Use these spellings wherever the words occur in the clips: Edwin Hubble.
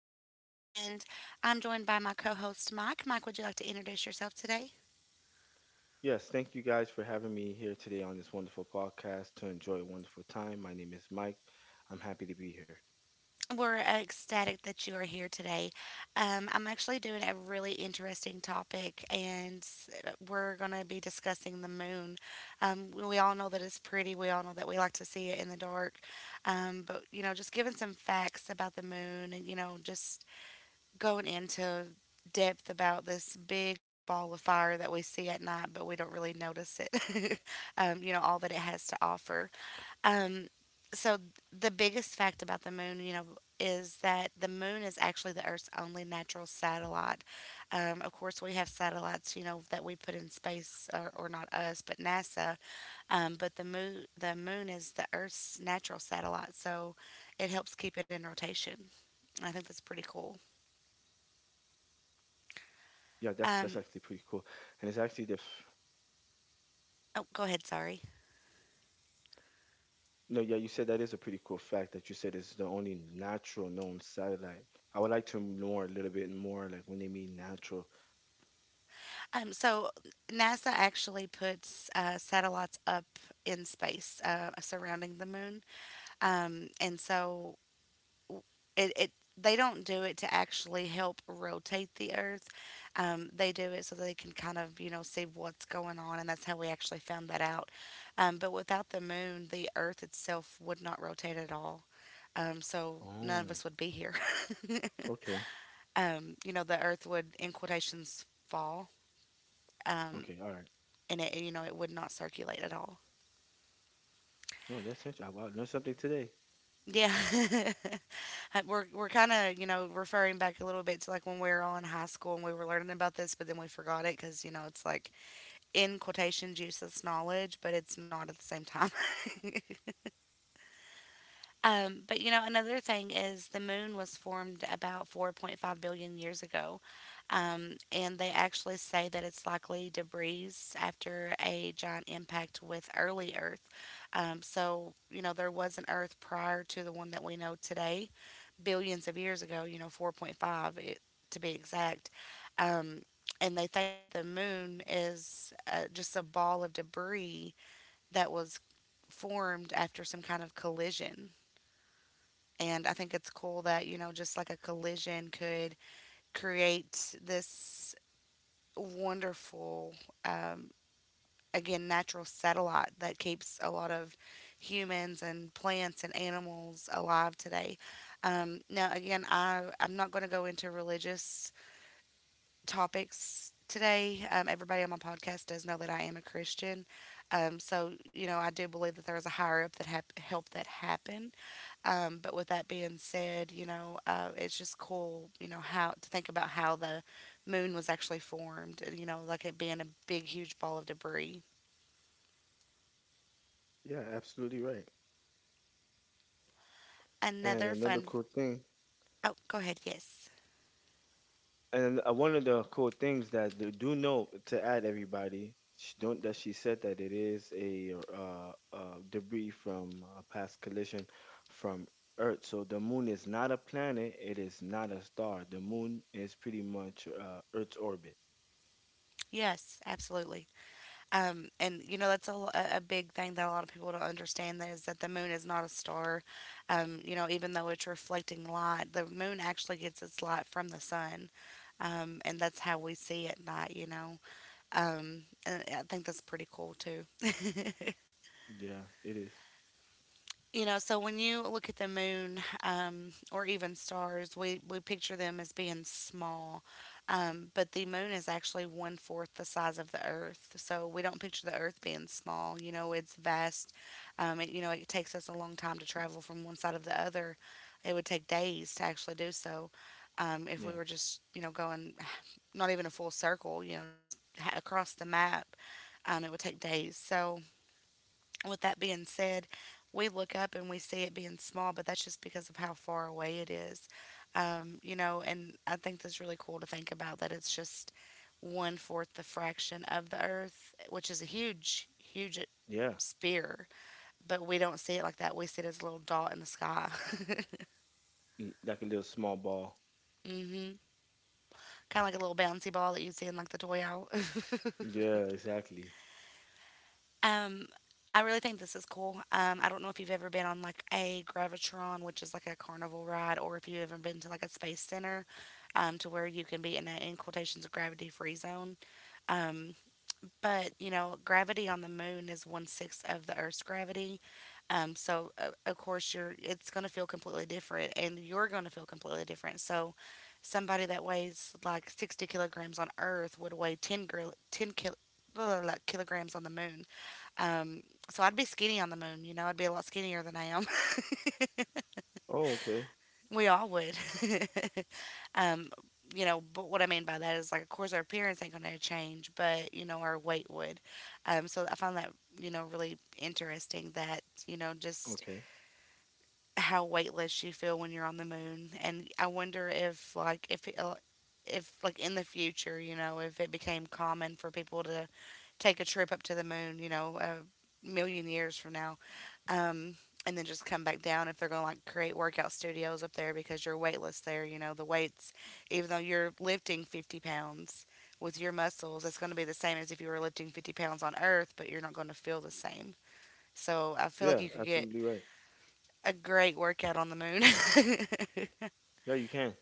Angel, and I'm joined by my co host, Mike. Mike, would you like to introduce yourself today? Yes, thank you guys for having me here today on this wonderful podcast to enjoy a wonderful time. My name is Mike. I'm happy to be here. We're ecstatic that you are here today. I'm actually doing a really interesting topic, we're going to be discussing the moon. We all know that we like to see it in the dark, just giving some facts about the moon just going into depth about this big ball of fire that we see at night, but we don't really notice it, all that it has to offer. Um, so, the biggest fact about the moon is that the moon is actually the Earth's only natural satellite. Of course, we have satellites that we put in space, or not us, but NASA. But the moon is the Earth's natural satellite, so it helps keep it in rotation. I think that's pretty cool. Yeah, that's actually pretty cool. Um, And it's actually the Oh, go ahead. Sorry. no, yeah, you said that is a pretty cool fact that you said it's the only natural known satellite. I would like to know a little bit more, like when they mean natural. So NASA actually puts satellites up in space surrounding the moon, and so it they don't do it to actually help rotate the Earth. They do it so they can see what's going on, and that's how we actually found that out. But without the moon, the Earth itself would not rotate at all. So none of Oh, us would be here. okay, the Earth would, in quotations, fall. Um, okay, all right. and it you know it would not circulate at all. No, that's interesting. Wow, learned something today. Yeah. We're kind of referring back a little bit to like when we were all in high school and we were learning about this, but then we forgot it because it's like in quotation Jesus knowledge, but it's not at the same time. Another thing is the moon was formed about 4.5 billion years ago. And they actually say that it's likely debris after a giant impact with early Earth. There was an Earth prior to the one that we know today, billions of years ago, 4.5 it, to be exact. Um, and they think that the moon is just a ball of debris that was formed after some kind of collision. And I think it's cool that, just like a collision could create this wonderful, um, again, natural satellite that keeps a lot of humans and plants and animals alive today. Now, again, I'm not going to go into religious topics today. Everybody on my podcast does know that I am a Christian. I do believe that there is a higher up that help that happen, but with that being said, it's just cool how to think about how the moon was actually formed, and, like it being a big, huge ball of debris. Yeah, absolutely right. And Another another fun. cool thing. Oh, go ahead. Yes. And one of the cool things that do know to add everybody, sh don't that she said that it is a debris from a past collision from Earth. So the moon is not a planet. It is not a star. The moon is pretty much Earth's orbit. Yes, absolutely. And that's a, a big thing that a lot of people don't understand that is that the moon is not a star. Even though it's reflecting light, the moon actually gets its light from the sun, and that's how we see it at night. And I think that's pretty cool too. Yeah, it is. So when you look at the moon or even stars, we picture them as being small, but the moon is actually one fourth the size of the Earth. So we don't picture the Earth being small. You know, it's vast. It takes us a long time to travel from one side of the other. It would take days to actually do so, if Yeah, we were just going not even a full circle, across the map. It would take days. So with that being said, we look up and we see it being small, but that's just because of how far away it is. And I think that's really cool to think about that it's just one fourth the fraction of the Earth, which is a huge, huge yeah, sphere. But we don't see it like that. We see it as a little dot in the sky. Like a little small ball. Hmm. Kind of like a little bouncy ball that you see in like the toy out. Yeah, exactly. Um, I really think this is cool. I don't know if you've ever been on like a Gravitron, which is like a carnival ride, or if you've ever been to like a space center, to where you can be in a in quotations gravity free zone. Um, gravity on the moon is one sixth of the Earth's gravity. Of course you're it's gonna feel completely different, and you're gonna feel completely different. So somebody that weighs like 60 kilograms on Earth would weigh 10 kilograms on the moon. Um, so I'd be skinny on the moon. You know, I'd be a lot skinnier than I am. Oh, okay, We all would. um, but what I mean by that is like, of course, our appearance ain't going to change, but you know, our weight would. So I found that really interesting that you know just okay. how weightless you feel when you're on the moon, and I wonder if like in the future, you know, if it became common for people to take a trip up to the moon, you know, a million years from now. Um, and then just come back down if they're going to like create workout studios up there because you're weightless there, you know, the weights, even though you're lifting 50 pounds with your muscles, it's going to be the same as if you were lifting 50 pounds on Earth, but you're not going to feel the same. So I feel like Yeah, you could get absolutely right. a great workout on the moon. Yeah, you can.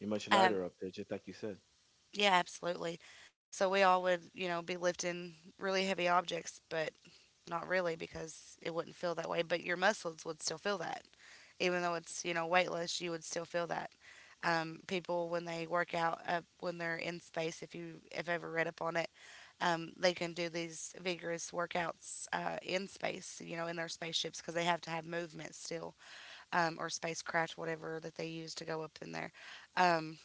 You're much um, lighter up there, just like you said. yeah, absolutely. So we all would, you know, be lifting really heavy objects, but not really, because it wouldn't feel that way, but your muscles would still feel that. Even though it's, you know, weightless, you would still feel that. People, when they work out, when they're in space, if you have ever read up on it, they can do these vigorous workouts in space, you know, in their spaceships because they have to have movement still, or spacecraft, whatever that they use to go up in there. Um,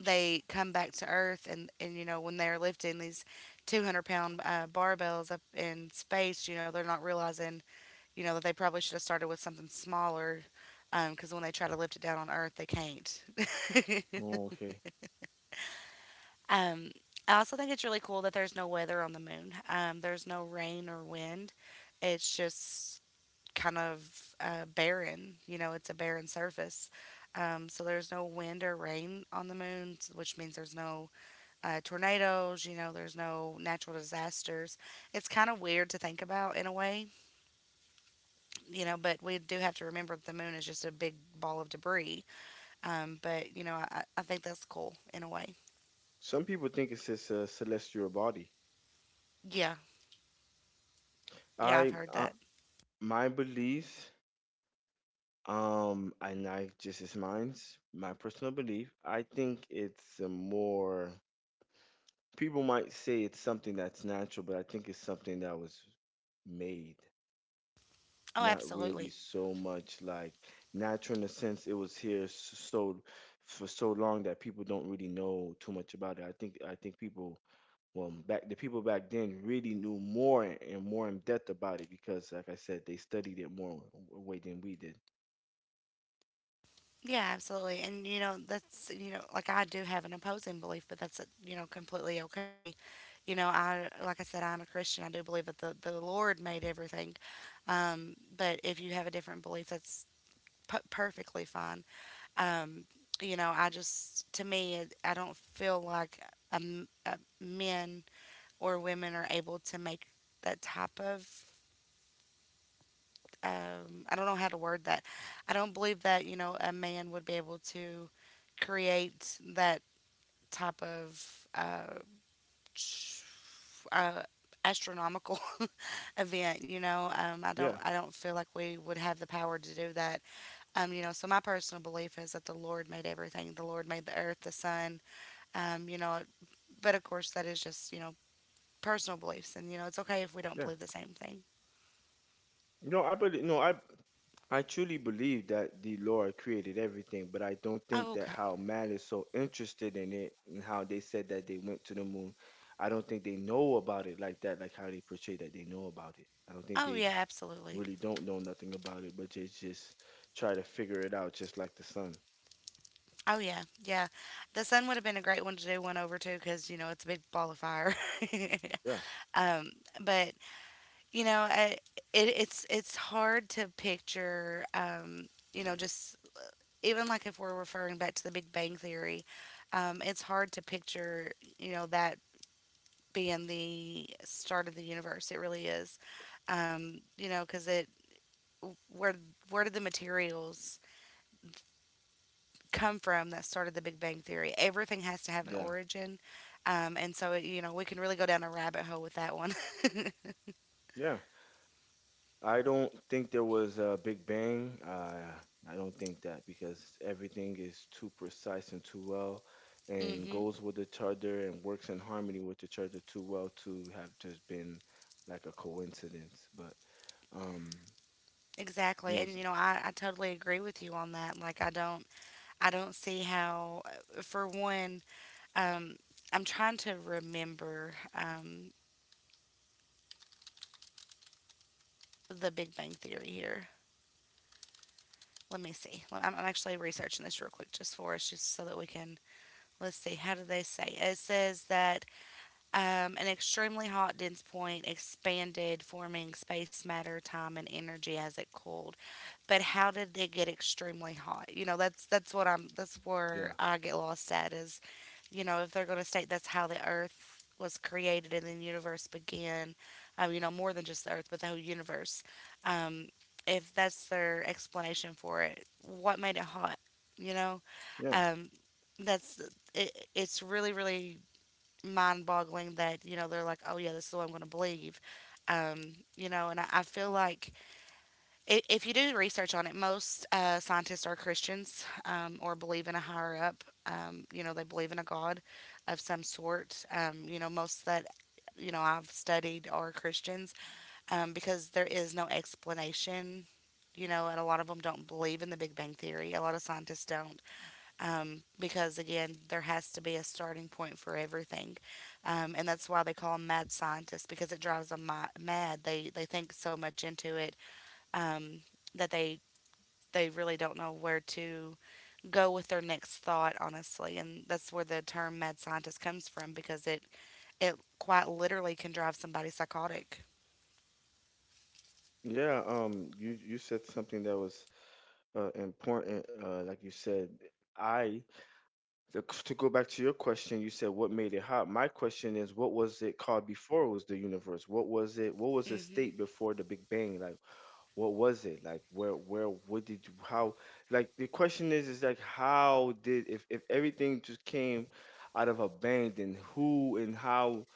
they come back to earth, and when they're lifting these 200 pound barbells up in space, they're not realizing that they probably should have started with something smaller, because when they try to lift it down on earth they can't. Oh, okay. um, I also think it's really cool that there's no weather on the moon. There's no rain or wind, it's just kind of barren. It's a barren surface, so there's no wind or rain on the moon, which means there's no tornadoes, you know, there's no natural disasters. It's kind of weird to think about in a way, you know, but we do have to remember that the moon is just a big ball of debris. But I think that's cool in a way. Some people think it's just a celestial body. Yeah. Yeah, I've I, heard uh, that. my beliefs, and I just it's mine's my personal belief. I think it's a more people might say it's something that's natural, but I think it's something that was made. Oh, Not really absolutely. so much like natural in the sense it was here so for so long that people don't really know too much about it. I think people well back the people back then really knew more and more in depth about it because like I said they studied it more way than we did. Yeah, absolutely. And, like I do have an opposing belief, but that's completely okay. Like I said, I'm a Christian. I do believe that the Lord made everything. But if you have a different belief, that's perfectly fine. Um, to me, I don't feel like men or women are able to make that type of. I don't know how to word that. I don't believe that a man would be able to create that type of ch- uh, astronomical event. Yeah, I don't feel like we would have the power to do that. So my personal belief is that the Lord made everything. The Lord made the earth, the sun. Um, you know, but of course, that is just, you know, personal beliefs. And, you know, it's okay if we don't yeah. believe the same thing. No, I truly believe that the Lord created everything, but I don't think Oh, that okay. how man is so interested in it and how they said that they went to the moon. I don't think they know about it like that, like how they portray that they know about it. I don't think Oh, they yeah, absolutely. really don't know nothing about it, but they just try to figure it out just like the sun. Oh, yeah. Yeah. The sun would have been a great one to do one over too, because, you know, it's a big ball of fire. Yeah, um, but, you know, I, it's hard to picture, just even like if we're referring back to the Big Bang Theory. It's hard to picture, that being the start of the universe. It really is, because it where where did the materials come from that started the Big Bang Theory? Everything has to have an yeah, origin. And so we can really go down a rabbit hole with that one. yeah. I don't think there was a Big Bang. I don't think that because everything is too precise and too well and Hmm. goes with each other and works in harmony with each other too well to have just been like a coincidence. But um, you Exactly, know, and I totally agree with you on that. Like I don't see how, for one. um, I'm trying to remember the Big Bang Theory here. Let me see. I'm actually researching this real quick just for us, just so that we can. Let's see. How do they say? It says that an extremely hot dense point expanded, forming space, matter, time, and energy as it cooled, but how did they get extremely hot? You know, that's yeah, where I get lost at is, if they're going to state that's how the earth was created and the universe began. More than just the earth, but the whole universe. Um, if that's their explanation for it, what made it hot? You know, yeah, um, that's it, it's really really mind-boggling that they're like, oh yeah, this is what I'm going to believe. Um, and I feel like if you do research on it, most scientists are Christians, or believe in a higher up. They believe in a God of some sort. Most that I've studied are Christians, because there is no explanation. You know, and a lot of them don't believe in the Big Bang Theory. A lot of scientists don't, because, again, there has to be a starting point for everything. And that's why they call them mad scientists because it drives them mad. They think so much into it, um, that they really don't know where to go with their next thought, honestly, and that's where the term mad scientist comes from because it quite literally can drive somebody psychotic. yeah. You said something that was important. Like you said, I the, to go back to your question, you said what made it hot. My question is, what was it called before it was the universe? What was it? What was the Hmm. state before the Big Bang? Like, what was it? Like, what did, how? Like, the question is like, how did if everything just came out of a bang, then who and how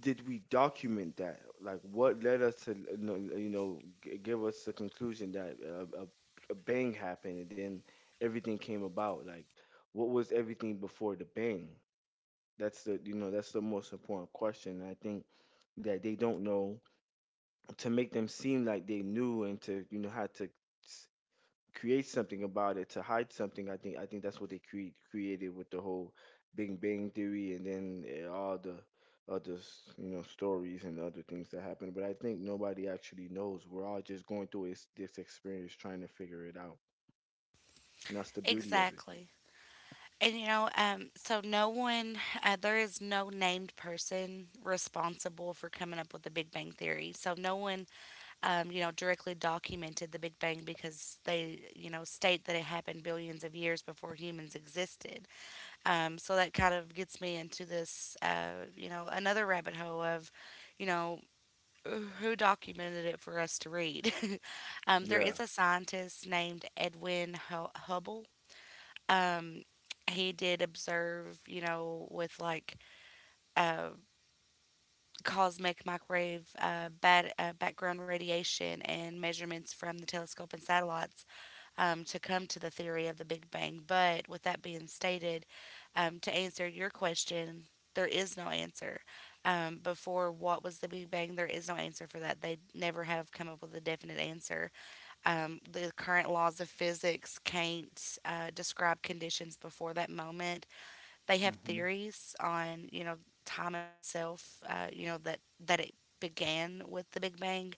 did we document that? Like, what led us to, you know, give us the conclusion that a bang happened and then everything came about? Like, what was everything before the bang? That's the, you know, that's the most important question. I think that they don't know to make them seem like they knew and to, you know, how to create something about it to hide something. I think that's what they created with the whole Big Bang Theory and then all the other you know stories and other things that happen. But I think nobody actually knows. We're all just going through this experience trying to figure it out. And that's the beauty of it. Exactly. And there is no named person responsible for coming up with the Big Bang Theory. So no one, directly documented the Big Bang because they, state that it happened billions of years before humans existed. So that kind of gets me into this, another rabbit hole of, you know, who documented it for us to read. There Yeah, is a scientist named Edwin Hubble. Um, he did observe, with like uh, cosmic microwave background radiation and measurements from the telescope and satellites, to come to the theory of the Big Bang. But with that being stated, to answer your question, there is no answer. Before what was the Big Bang, there is no answer for that. They never have come up with a definite answer. The current laws of physics can't describe conditions before that moment. They have theories on, time itself, that it began with the Big Bang.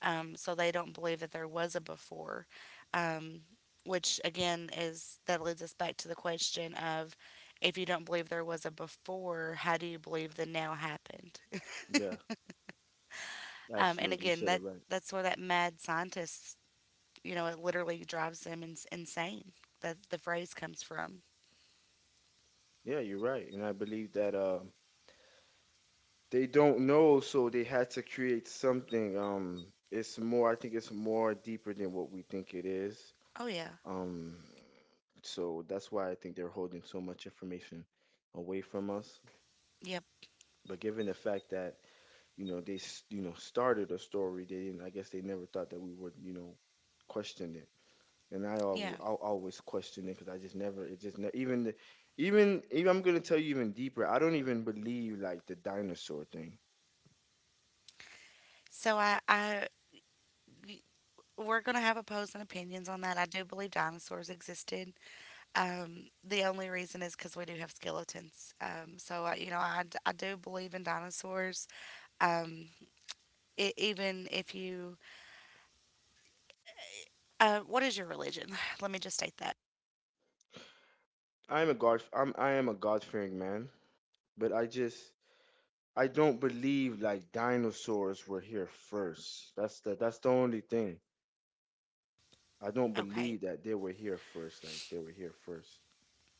So they don't believe that there was a before, um, which again is that leads us back to the question of if you don't believe there was a before, how do you believe the now happened? yeah, And absolutely. You again, said it right. that's where that mad scientist, it literally drives them insane. That the phrase comes from. Yeah, you're right. And I believe that they don't know, so they had to create something. It's more. I think it's more deeper than what we think it is. Oh, yeah. Um, so that's why I think they're holding so much information away from us. Yep. But given the fact that you know they you know started a story, they didn't. I guess they never thought that we would you know question it. And Yeah. I'll always question it because I just never it just even the, even I'm gonna tell you even deeper. I don't even believe like the dinosaur thing. So we're gonna have opposing opinions on that. I do believe dinosaurs existed. The only reason is because we do have skeletons. So, I do believe in dinosaurs. Um, Even if you, what is your religion? Let me just state that. I am a God fearing man, but I just I don't believe like dinosaurs were here first. That's the only thing. I don't Okay. believe that they were here first. Like they were here first.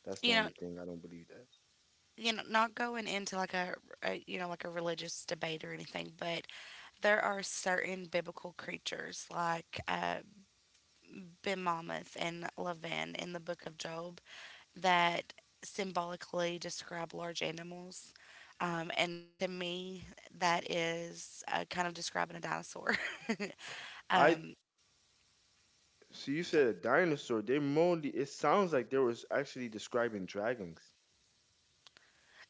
That's the You know, only thing I don't believe that. Not going into like like a religious debate or anything, but there are certain biblical creatures like Ben Mammoth and Lavan in the book of Job that symbolically describe large animals. And to me, that is kind of describing a dinosaur. I um, So you said a dinosaur. They mostly it sounds like they was actually describing dragons.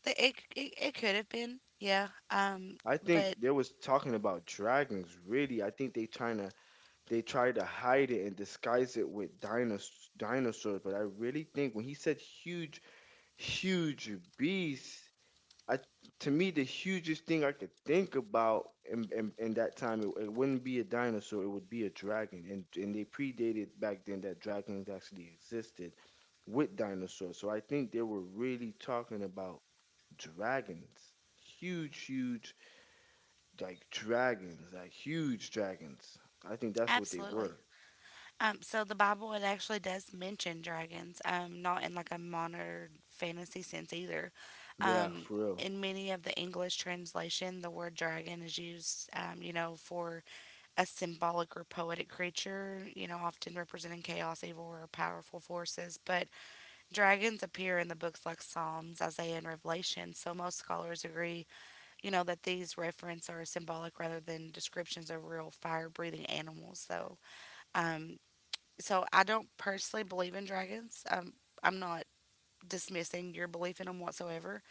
it could have been, yeah. I But think they was talking about dragons. Really, I think they trying to they try to hide it and disguise it with dinosaurs. But I really think when he said huge beasts I to me the hugest thing I could think about in in that time it, it wouldn't be a dinosaur, it would be a dragon, and they predated back then that dragons actually existed with dinosaurs. So I think they were really talking about dragons, huge, huge like dragons, like huge dragons. I think that's what they absolutely. were. So the Bible, it actually does mention dragons, not in like a modern fantasy sense either. Yeah, Um, for real. in many of the English translation, the word dragon is used, for a symbolic or poetic creature, often representing chaos, evil, or powerful forces. But dragons appear in the books like Psalms, Isaiah, and Revelation. So most scholars agree, that these references are symbolic rather than descriptions of real fire-breathing animals. Um, so I don't personally believe in dragons. I'm not dismissing your belief in them whatsoever.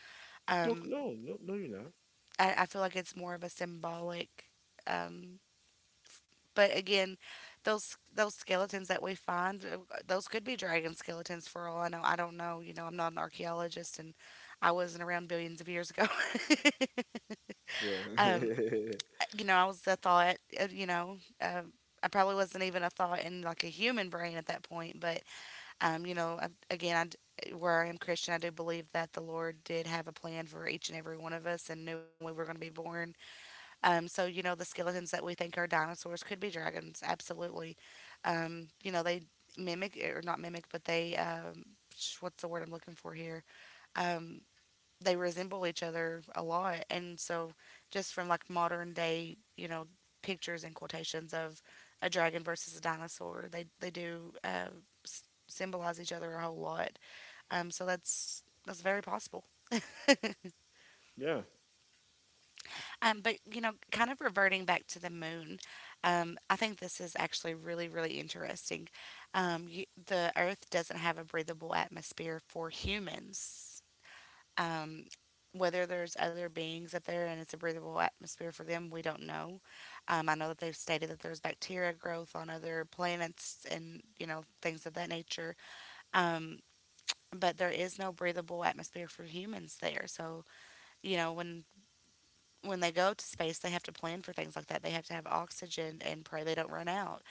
No, Um, no, no, no, you're not. I feel like it's more of a symbolic. Um, But again, those skeletons that we find, those could be dragon skeletons for all I know. I don't know. You know, I'm not an archaeologist, and I wasn't around billions of years ago. Yeah, um, I was a thought. I probably wasn't even a thought in like a human brain at that point. But again, I d where I am Christian, I do believe that the Lord did have a plan for each and every one of us and knew when we were going to be born. So you know the skeletons that we think are dinosaurs could be dragons, absolutely. You know they mimic or not mimic, but what's the word I'm looking for here? Um, they resemble each other a lot, and so just from like modern day, pictures and quotations of a dragon versus a dinosaur, they do symbolize each other a whole lot. So that's very possible. yeah, But kind of reverting back to the moon, I think this is actually really, really interesting. The Earth doesn't have a breathable atmosphere for humans. Um, Whether there's other beings up there and it's a breathable atmosphere for them, we don't know. I know that they've stated that there's bacteria growth on other planets and things of that nature. Um, but there is no breathable atmosphere for humans there. So you know when when they go to space, they have to plan for things like that. They have to have oxygen and pray they don't run out.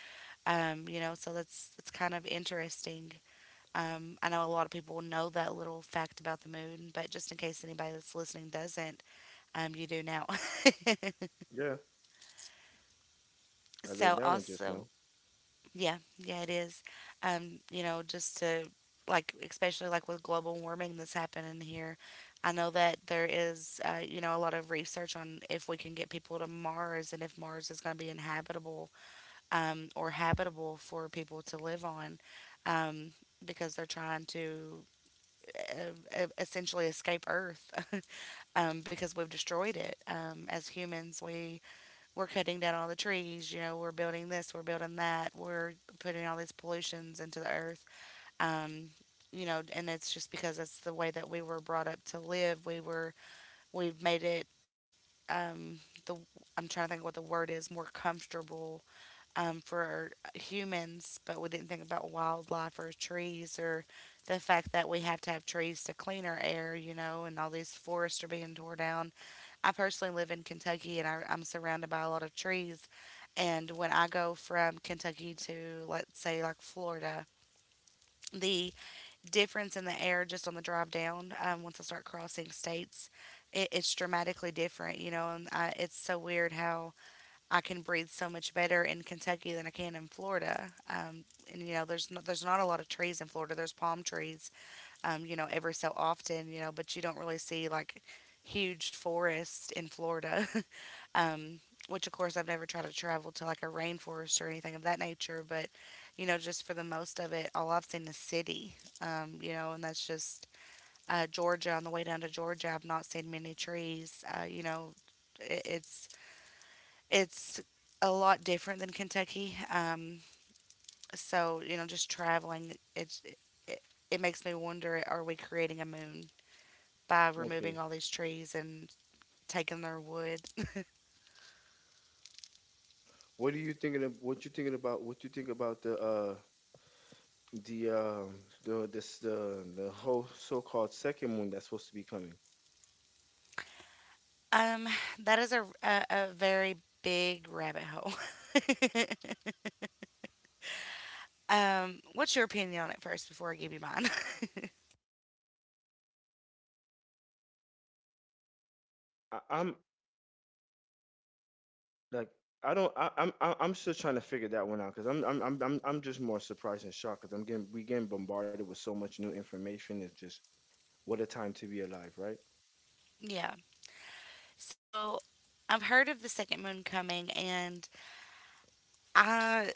So that's kind of interesting. I know a lot of people know that little fact about the moon, but just in case anybody that's listening doesn't, you do now. yeah. I learned So that one just now. also. Yeah, yeah, it is. Just to Like, especially like with global warming that's happening here. I know that there is, a lot of research on if we can get people to Mars and if Mars is going to be inhabitable, or habitable for people to live on, um, because they're trying to essentially escape Earth. Because we've destroyed it. As humans, we're cutting down all the trees. You know, we're building this, we're building that, we're putting all these pollutions into the Earth. Um, and it's just because that's the way that we were brought up to live. We've made it, um, the I'm trying to think what the word is, more comfortable, for humans, but we didn't think about wildlife or trees or the fact that we have to have trees to clean our air, you know, and all these forests are being torn down. I personally live in Kentucky, and I'm surrounded by a lot of trees. And when I go from Kentucky to, let's say, like Florida, the difference in the air just on the drive down, once I start crossing states, it's dramatically different, you know, and it's so weird how I can breathe so much better in Kentucky than I can in Florida. And you know, there's not a lot of trees in Florida. There's palm trees, every so often, but you don't really see like huge forests in Florida. um, which of course I've never tried to travel to like a rainforest or anything of that nature, but you know, just for the most of it, all I've seen is city. And that's just Georgia. On the way down to Georgia, I've not seen many trees. You know, it's it's a lot different than Kentucky. So, you know, just traveling, it, it makes me wonder, are we creating a moon by removing Okay. all these trees and taking their wood? What are you thinking of, what you thinking about what you think about the the um this the whole so-called second moon that's supposed to be coming? Um, that is a very big rabbit hole. What's your opinion on it first before I give you mine? I, I'm like I don't I- I'm still trying to figure that one out because I'm just more surprised and shocked because I'm getting we getting bombarded with so much new information. It's just what a time to be alive, right? Yeah. So, I've heard of the second moon coming, and I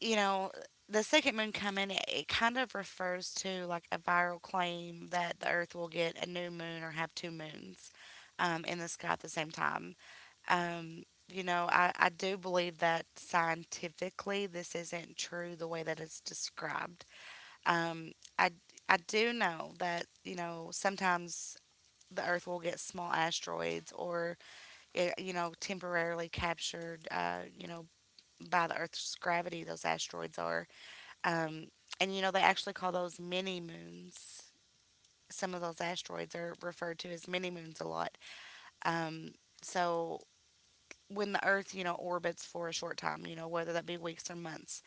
you know, the second moon coming, it kind of refers to like a viral claim that the Earth will get a new moon or have two moons in the sky at the same time. Um, you know, I do believe that scientifically this isn't true the way that it's described. Um, I, I do know that, you know, sometimes the Earth will get small asteroids or, you know, temporarily captured, you know, by the Earth's gravity, those asteroids are. Um, and you know, they actually call those mini moons. Some of those asteroids are referred to as mini moons a lot. Um, so when the Earth, you know, orbits for a short time, you know, whether that be weeks or months,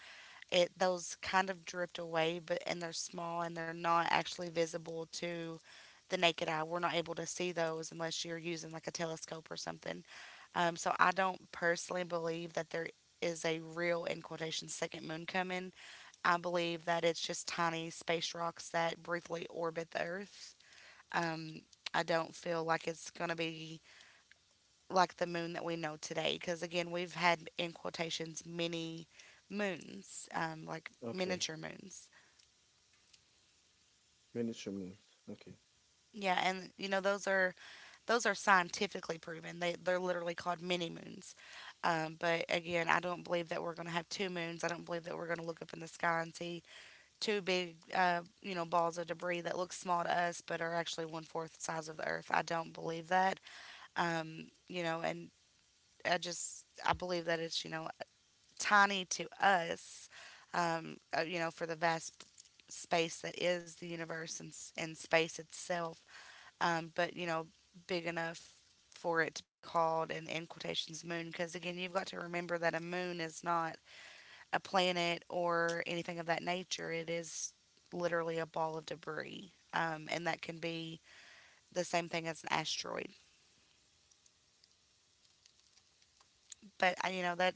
it those kind of drift away, but and they're small and they're not actually visible to the naked eye. We're not able to see those unless you're using like a telescope or something. So I don't personally believe that there is a real, in quotation, second moon coming. I believe that it's just tiny space rocks that briefly orbit the Earth. Um, I don't feel like it's going to be like the moon that we know today because, again, we've had, in quotations, mini moons, like Okay, miniature moons. miniature moons. Okay, Yeah, and you know, those are scientifically proven. They're literally called mini moons. But again, I don't believe that we're going to have two moons. I don't believe that we're going to look up in the sky and see two big, you know, balls of debris that look small to us but are actually one fourth the size of the Earth. I don't believe that. You know, and I believe that it's, you know, tiny to us. You know, for the vast space that is the universe and, and space itself. But you know, big enough for it to be called an, in quotations, moon, because again, you've got to remember that a moon is not a planet or anything of that nature. It is literally a ball of debris, and that can be the same thing as an asteroid. But I, you know, that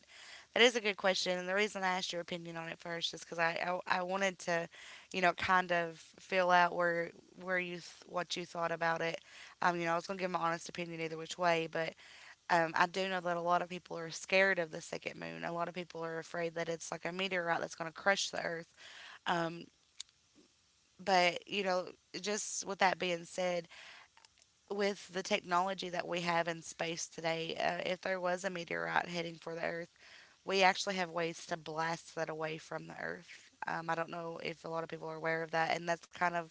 that is a good question, and the reason I asked your opinion on it first is because I wanted to, you know, kind of feel out where what you thought about it. You know, I was gonna give my honest opinion either which way, but I do know that a lot of people are scared of the second moon. A lot of people are afraid that it's like a meteorite that's gonna crush the Earth. Um, But, you know, just with that being said, with the technology that we have in space today, if there was a meteorite heading for the Earth, we actually have ways to blast that away from the Earth. I don't know if a lot of people are aware of that, and that's kind of,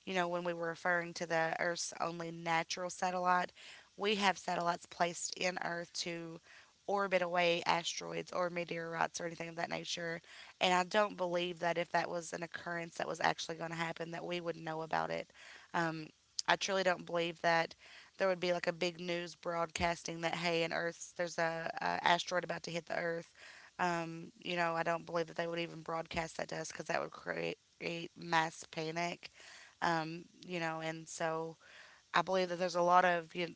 you know, when we were referring to the Earth's only natural satellite, we have satellites placed in Earth to orbit away asteroids or meteorites or anything of that nature. And I don't believe that if that was an occurrence that was actually going to happen, that we would know about it. Um, I truly don't believe that there would be like a big news broadcasting that hey, an Earth's there's a asteroid about to hit the Earth. You know, I don't believe that they would even broadcast that to us because that would create mass panic, you know, and so I believe that there's a lot of you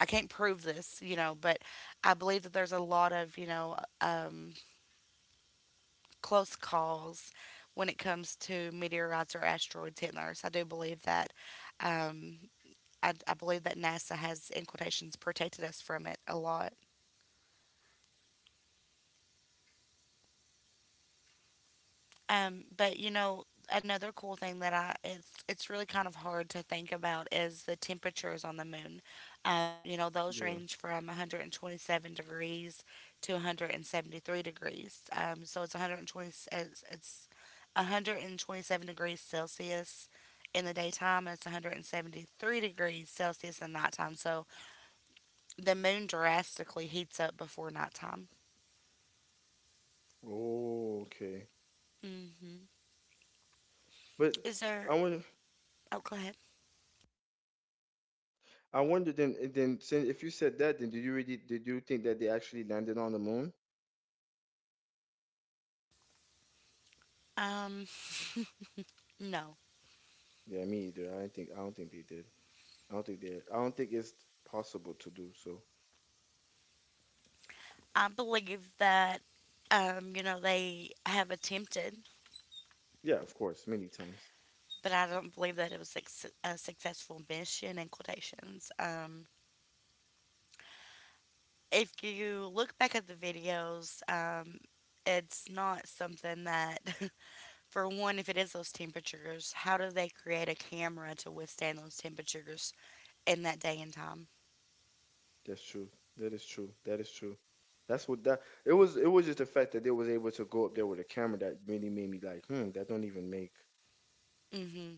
I can't prove this, you know, but I believe that there's a lot of, you know, close calls when it comes to meteorites or asteroids hitting Earth. I do believe that. Um, I believe that NASA has, in quotations, protected us from it a lot. But you know, another cool thing that I it's really kind of hard to think about is the temperatures on the moon. You know, those yeah. range from 127 degrees to 173 degrees. So it's, it's 127 degrees Celsius in the daytime. It's 173 degrees Celsius in nighttime. So the moon drastically heats up before nighttime. Oh, okay. Hmm. But Is I there? wonder Oh, go ahead. Then since if you said that then did you really did you think that they actually landed on the moon? Um, no. Yeah, me either. I don't think they did. I don't think it's possible to do so. I believe that, you know, they have attempted, Yeah, of course, many times. but I don't believe that it was a successful mission, in quotations. If you look back at the videos, it's not something that, for one, if it is those temperatures, how do they create a camera to withstand those temperatures in that day and time? That's true. That is true. That is true. That's what that it was just the fact that they was able to go up there with a camera that really made me like, hmm, that don't even make Hmm.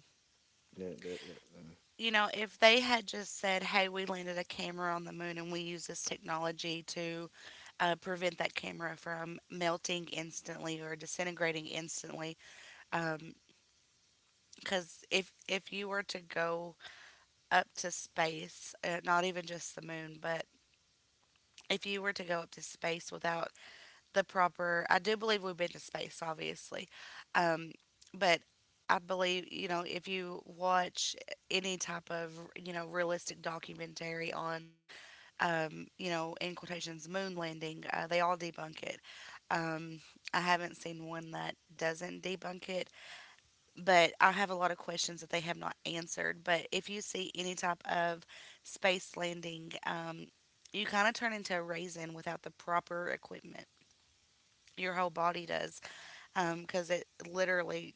that You know, if they had just said, hey, we landed a camera on the moon and we use this technology to prevent that camera from melting instantly or disintegrating instantly. Because if you were to go up to space, not even just the moon, but if you were to go up to space without I do believe we've been to space, obviously. Um, but I believe, you know, if you watch any type of, you know, realistic documentary on you know, in quotations, moon landing. They all debunk it. Um, I haven't seen one that doesn't debunk it, but I have a lot of questions that they have not answered. But if you see any type of space landing, you kind of turn into a raisin without the proper equipment. Your whole body does, because it literally,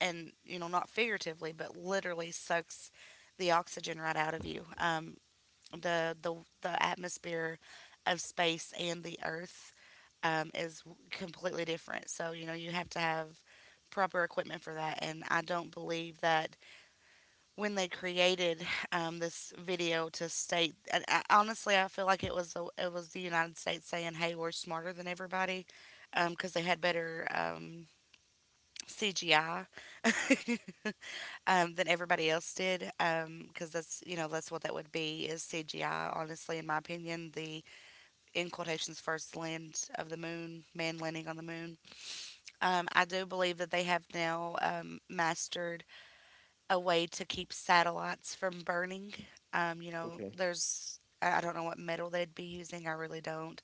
and you know, not figuratively, but literally sucks the oxygen right out of you. The the the atmosphere of space and the earth is completely different. So you know, you have to have proper equipment for that, and I don't believe that when they created this video to state. And I, honestly, I feel like it was the United States saying, "Hey, we're smarter than everybody," because they had better. CGI, than everybody else did, because that's, you know, that's what that would be, is CGI, honestly, in my opinion, the, in quotations, first land of the moon, man landing on the moon. I do believe that they have now mastered a way to keep satellites from burning. You know, okay. there's I don't know what metal they'd be using. I really don't.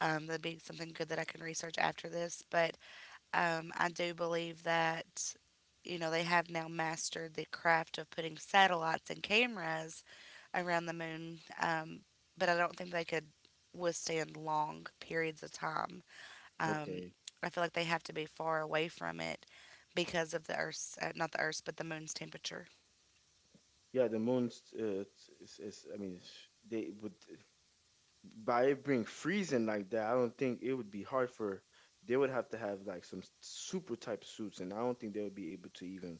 That'd be something good that I can research after this. But I do believe that, you know, they have now mastered the craft of putting satellites and cameras around the moon, but I don't think they could withstand long periods of time. Um, Okay. I feel like they have to be far away from it because of the Earth's, not the Earth's, but the moon's temperature. Yeah, the moon's it's, it's- I mean, it's, they would by it being freezing like that, I don't think it would be hard for they would have to have like some super type suits, and I don't think they would be able to even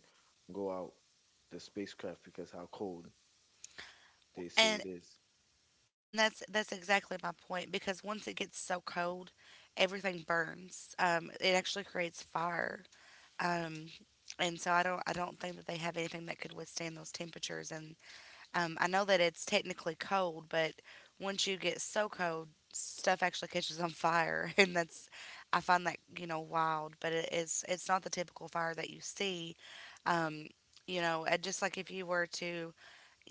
go out the spacecraft because how cold they say And it is. and that's exactly my point, because once it gets so cold, everything burns. It actually creates fire. Um, and so I don't think that they have anything that could withstand those temperatures, and I know that it's technically cold, but once you get so cold, stuff actually catches on fire, and that's, I find that, you know, wild. But it is, it's not the typical fire that you see. Um, you know, just like if you were to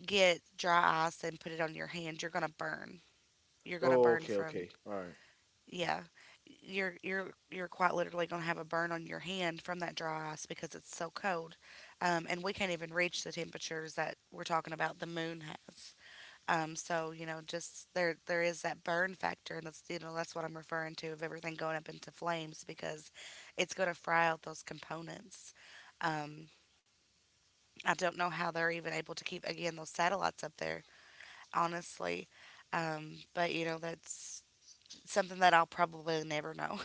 get dry ice and put it on your hand, you're gonna burn. You're gonna Oh, burn okay, from, okay, all right, yeah. You're quite literally gonna have a burn on your hand from that dry ice because it's so cold, and we can't even reach the temperatures that we're talking about. The moon has. So you know, just there is that burn factor, and that's, you know, that's what I'm referring to of everything going up into flames, because it's going to fry out those components. Um, I don't know how they're even able to keep again those satellites up there, honestly. But you know, that's something that I'll probably never know.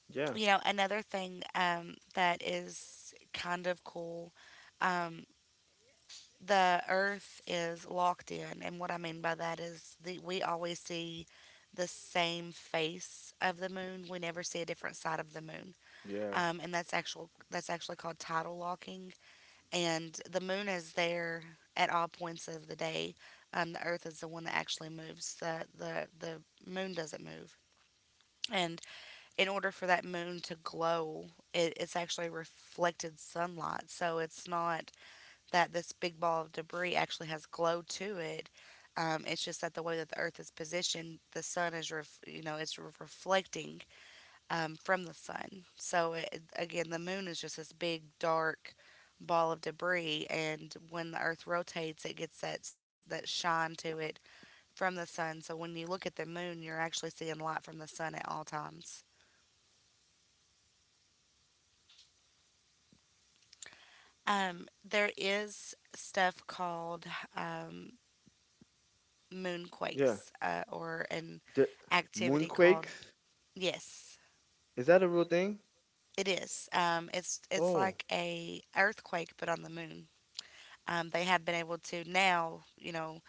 yeah, you know, another thing, that is kind of cool. um, the earth is locked in, and what I mean by that is we always see the same face of the moon. We never see a different side of the moon. yeah, And that's actually called tidal locking, and the moon is there at all points of the day. The earth is the one that actually moves. The moon doesn't move. And in order for that moon to glow, it's actually reflected sunlight. So it's not that this big ball of debris actually has glow to it. It's just that the way that the Earth is positioned, the sun is, you know, it's reflecting from the sun. So it, again, the moon is just this big dark ball of debris, and when the Earth rotates, it gets that shine to it from the sun. So when you look at the moon, you're actually seeing light from the sun at all times. There is stuff called um, yeah. moonquakes, or an The activity called. moonquakes Yes, is that a real thing? it is. It's Oh, like a earthquake but on the moon. They have been able to now, you know,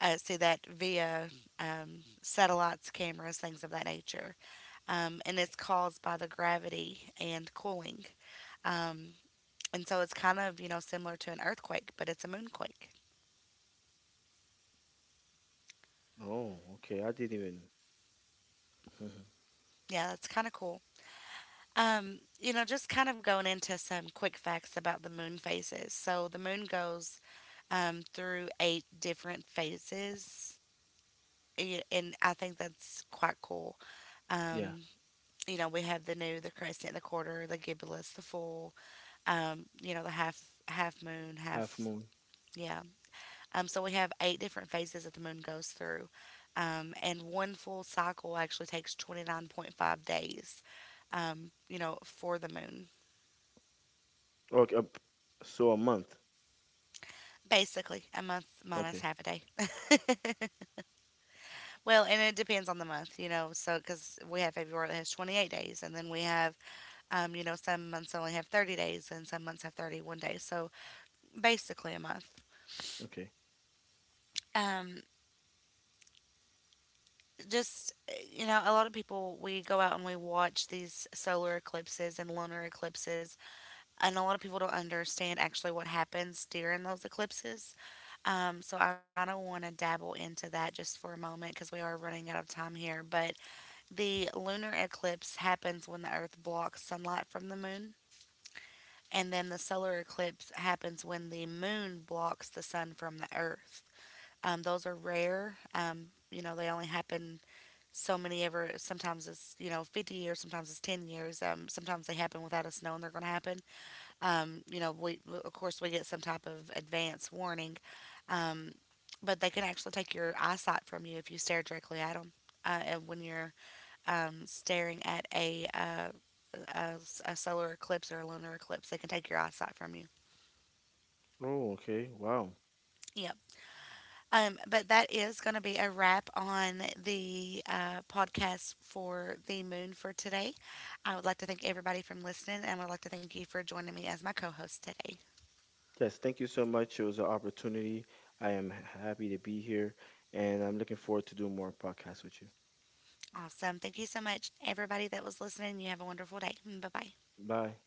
see that via satellites, cameras, things of that nature. And it's caused by the gravity and cooling. um, and so it's kind of, you know, similar to an earthquake, but it's a moonquake. oh, okay, I didn't even. Yeah, that's kind of cool. You know, just kind of going into some quick facts about the moon phases. So the moon goes through eight different phases. And I think that's quite cool. yeah, Um, you know, we have the new, the crescent, the quarter, the gibbous, the full. You know, the half, half moon, half half moon. Yeah. So we have eight different phases that the moon goes through, and one full cycle actually takes 29.5 days. You know, for the moon. Okay, so a month. Basically, a month minus Okay, half a day. Well, and it depends on the month, you know. So, because we have February that has 28 days, and then we have, you know, some months only have 30 days, and some months have 31 days. So, basically, a month. okay. Um, just, you know, a lot of people, we go out and we watch these solar eclipses and lunar eclipses, and a lot of people don't understand actually what happens during those eclipses. So I kind of want to dabble into that just for a moment, because we are running out of time here. But the lunar eclipse happens when the Earth blocks sunlight from the moon, and then the solar eclipse happens when the moon blocks the sun from the Earth. Those are rare. You know, they only happen so many ever. Sometimes it's, you know, 50 years, sometimes it's 10 years. Sometimes they happen without us knowing they're going to happen. You know, we, of course, we get some type of advance warning, um, but they can actually take your eyesight from you if you stare directly at them. And when you're staring at a, a solar eclipse or a lunar eclipse, they can take your eyesight from you. Oh, okay. Wow. Yep. But that is going to be a wrap on the podcast for the moon for today. I would like to thank everybody from listening, and I would like to thank you for joining me as my co host today. Yes, thank you so much. It was an opportunity. I am happy to be here and I'm looking forward to doing more podcasts with you. Awesome. Thank you so much, everybody that was listening. You have a wonderful day. Bye bye. Bye.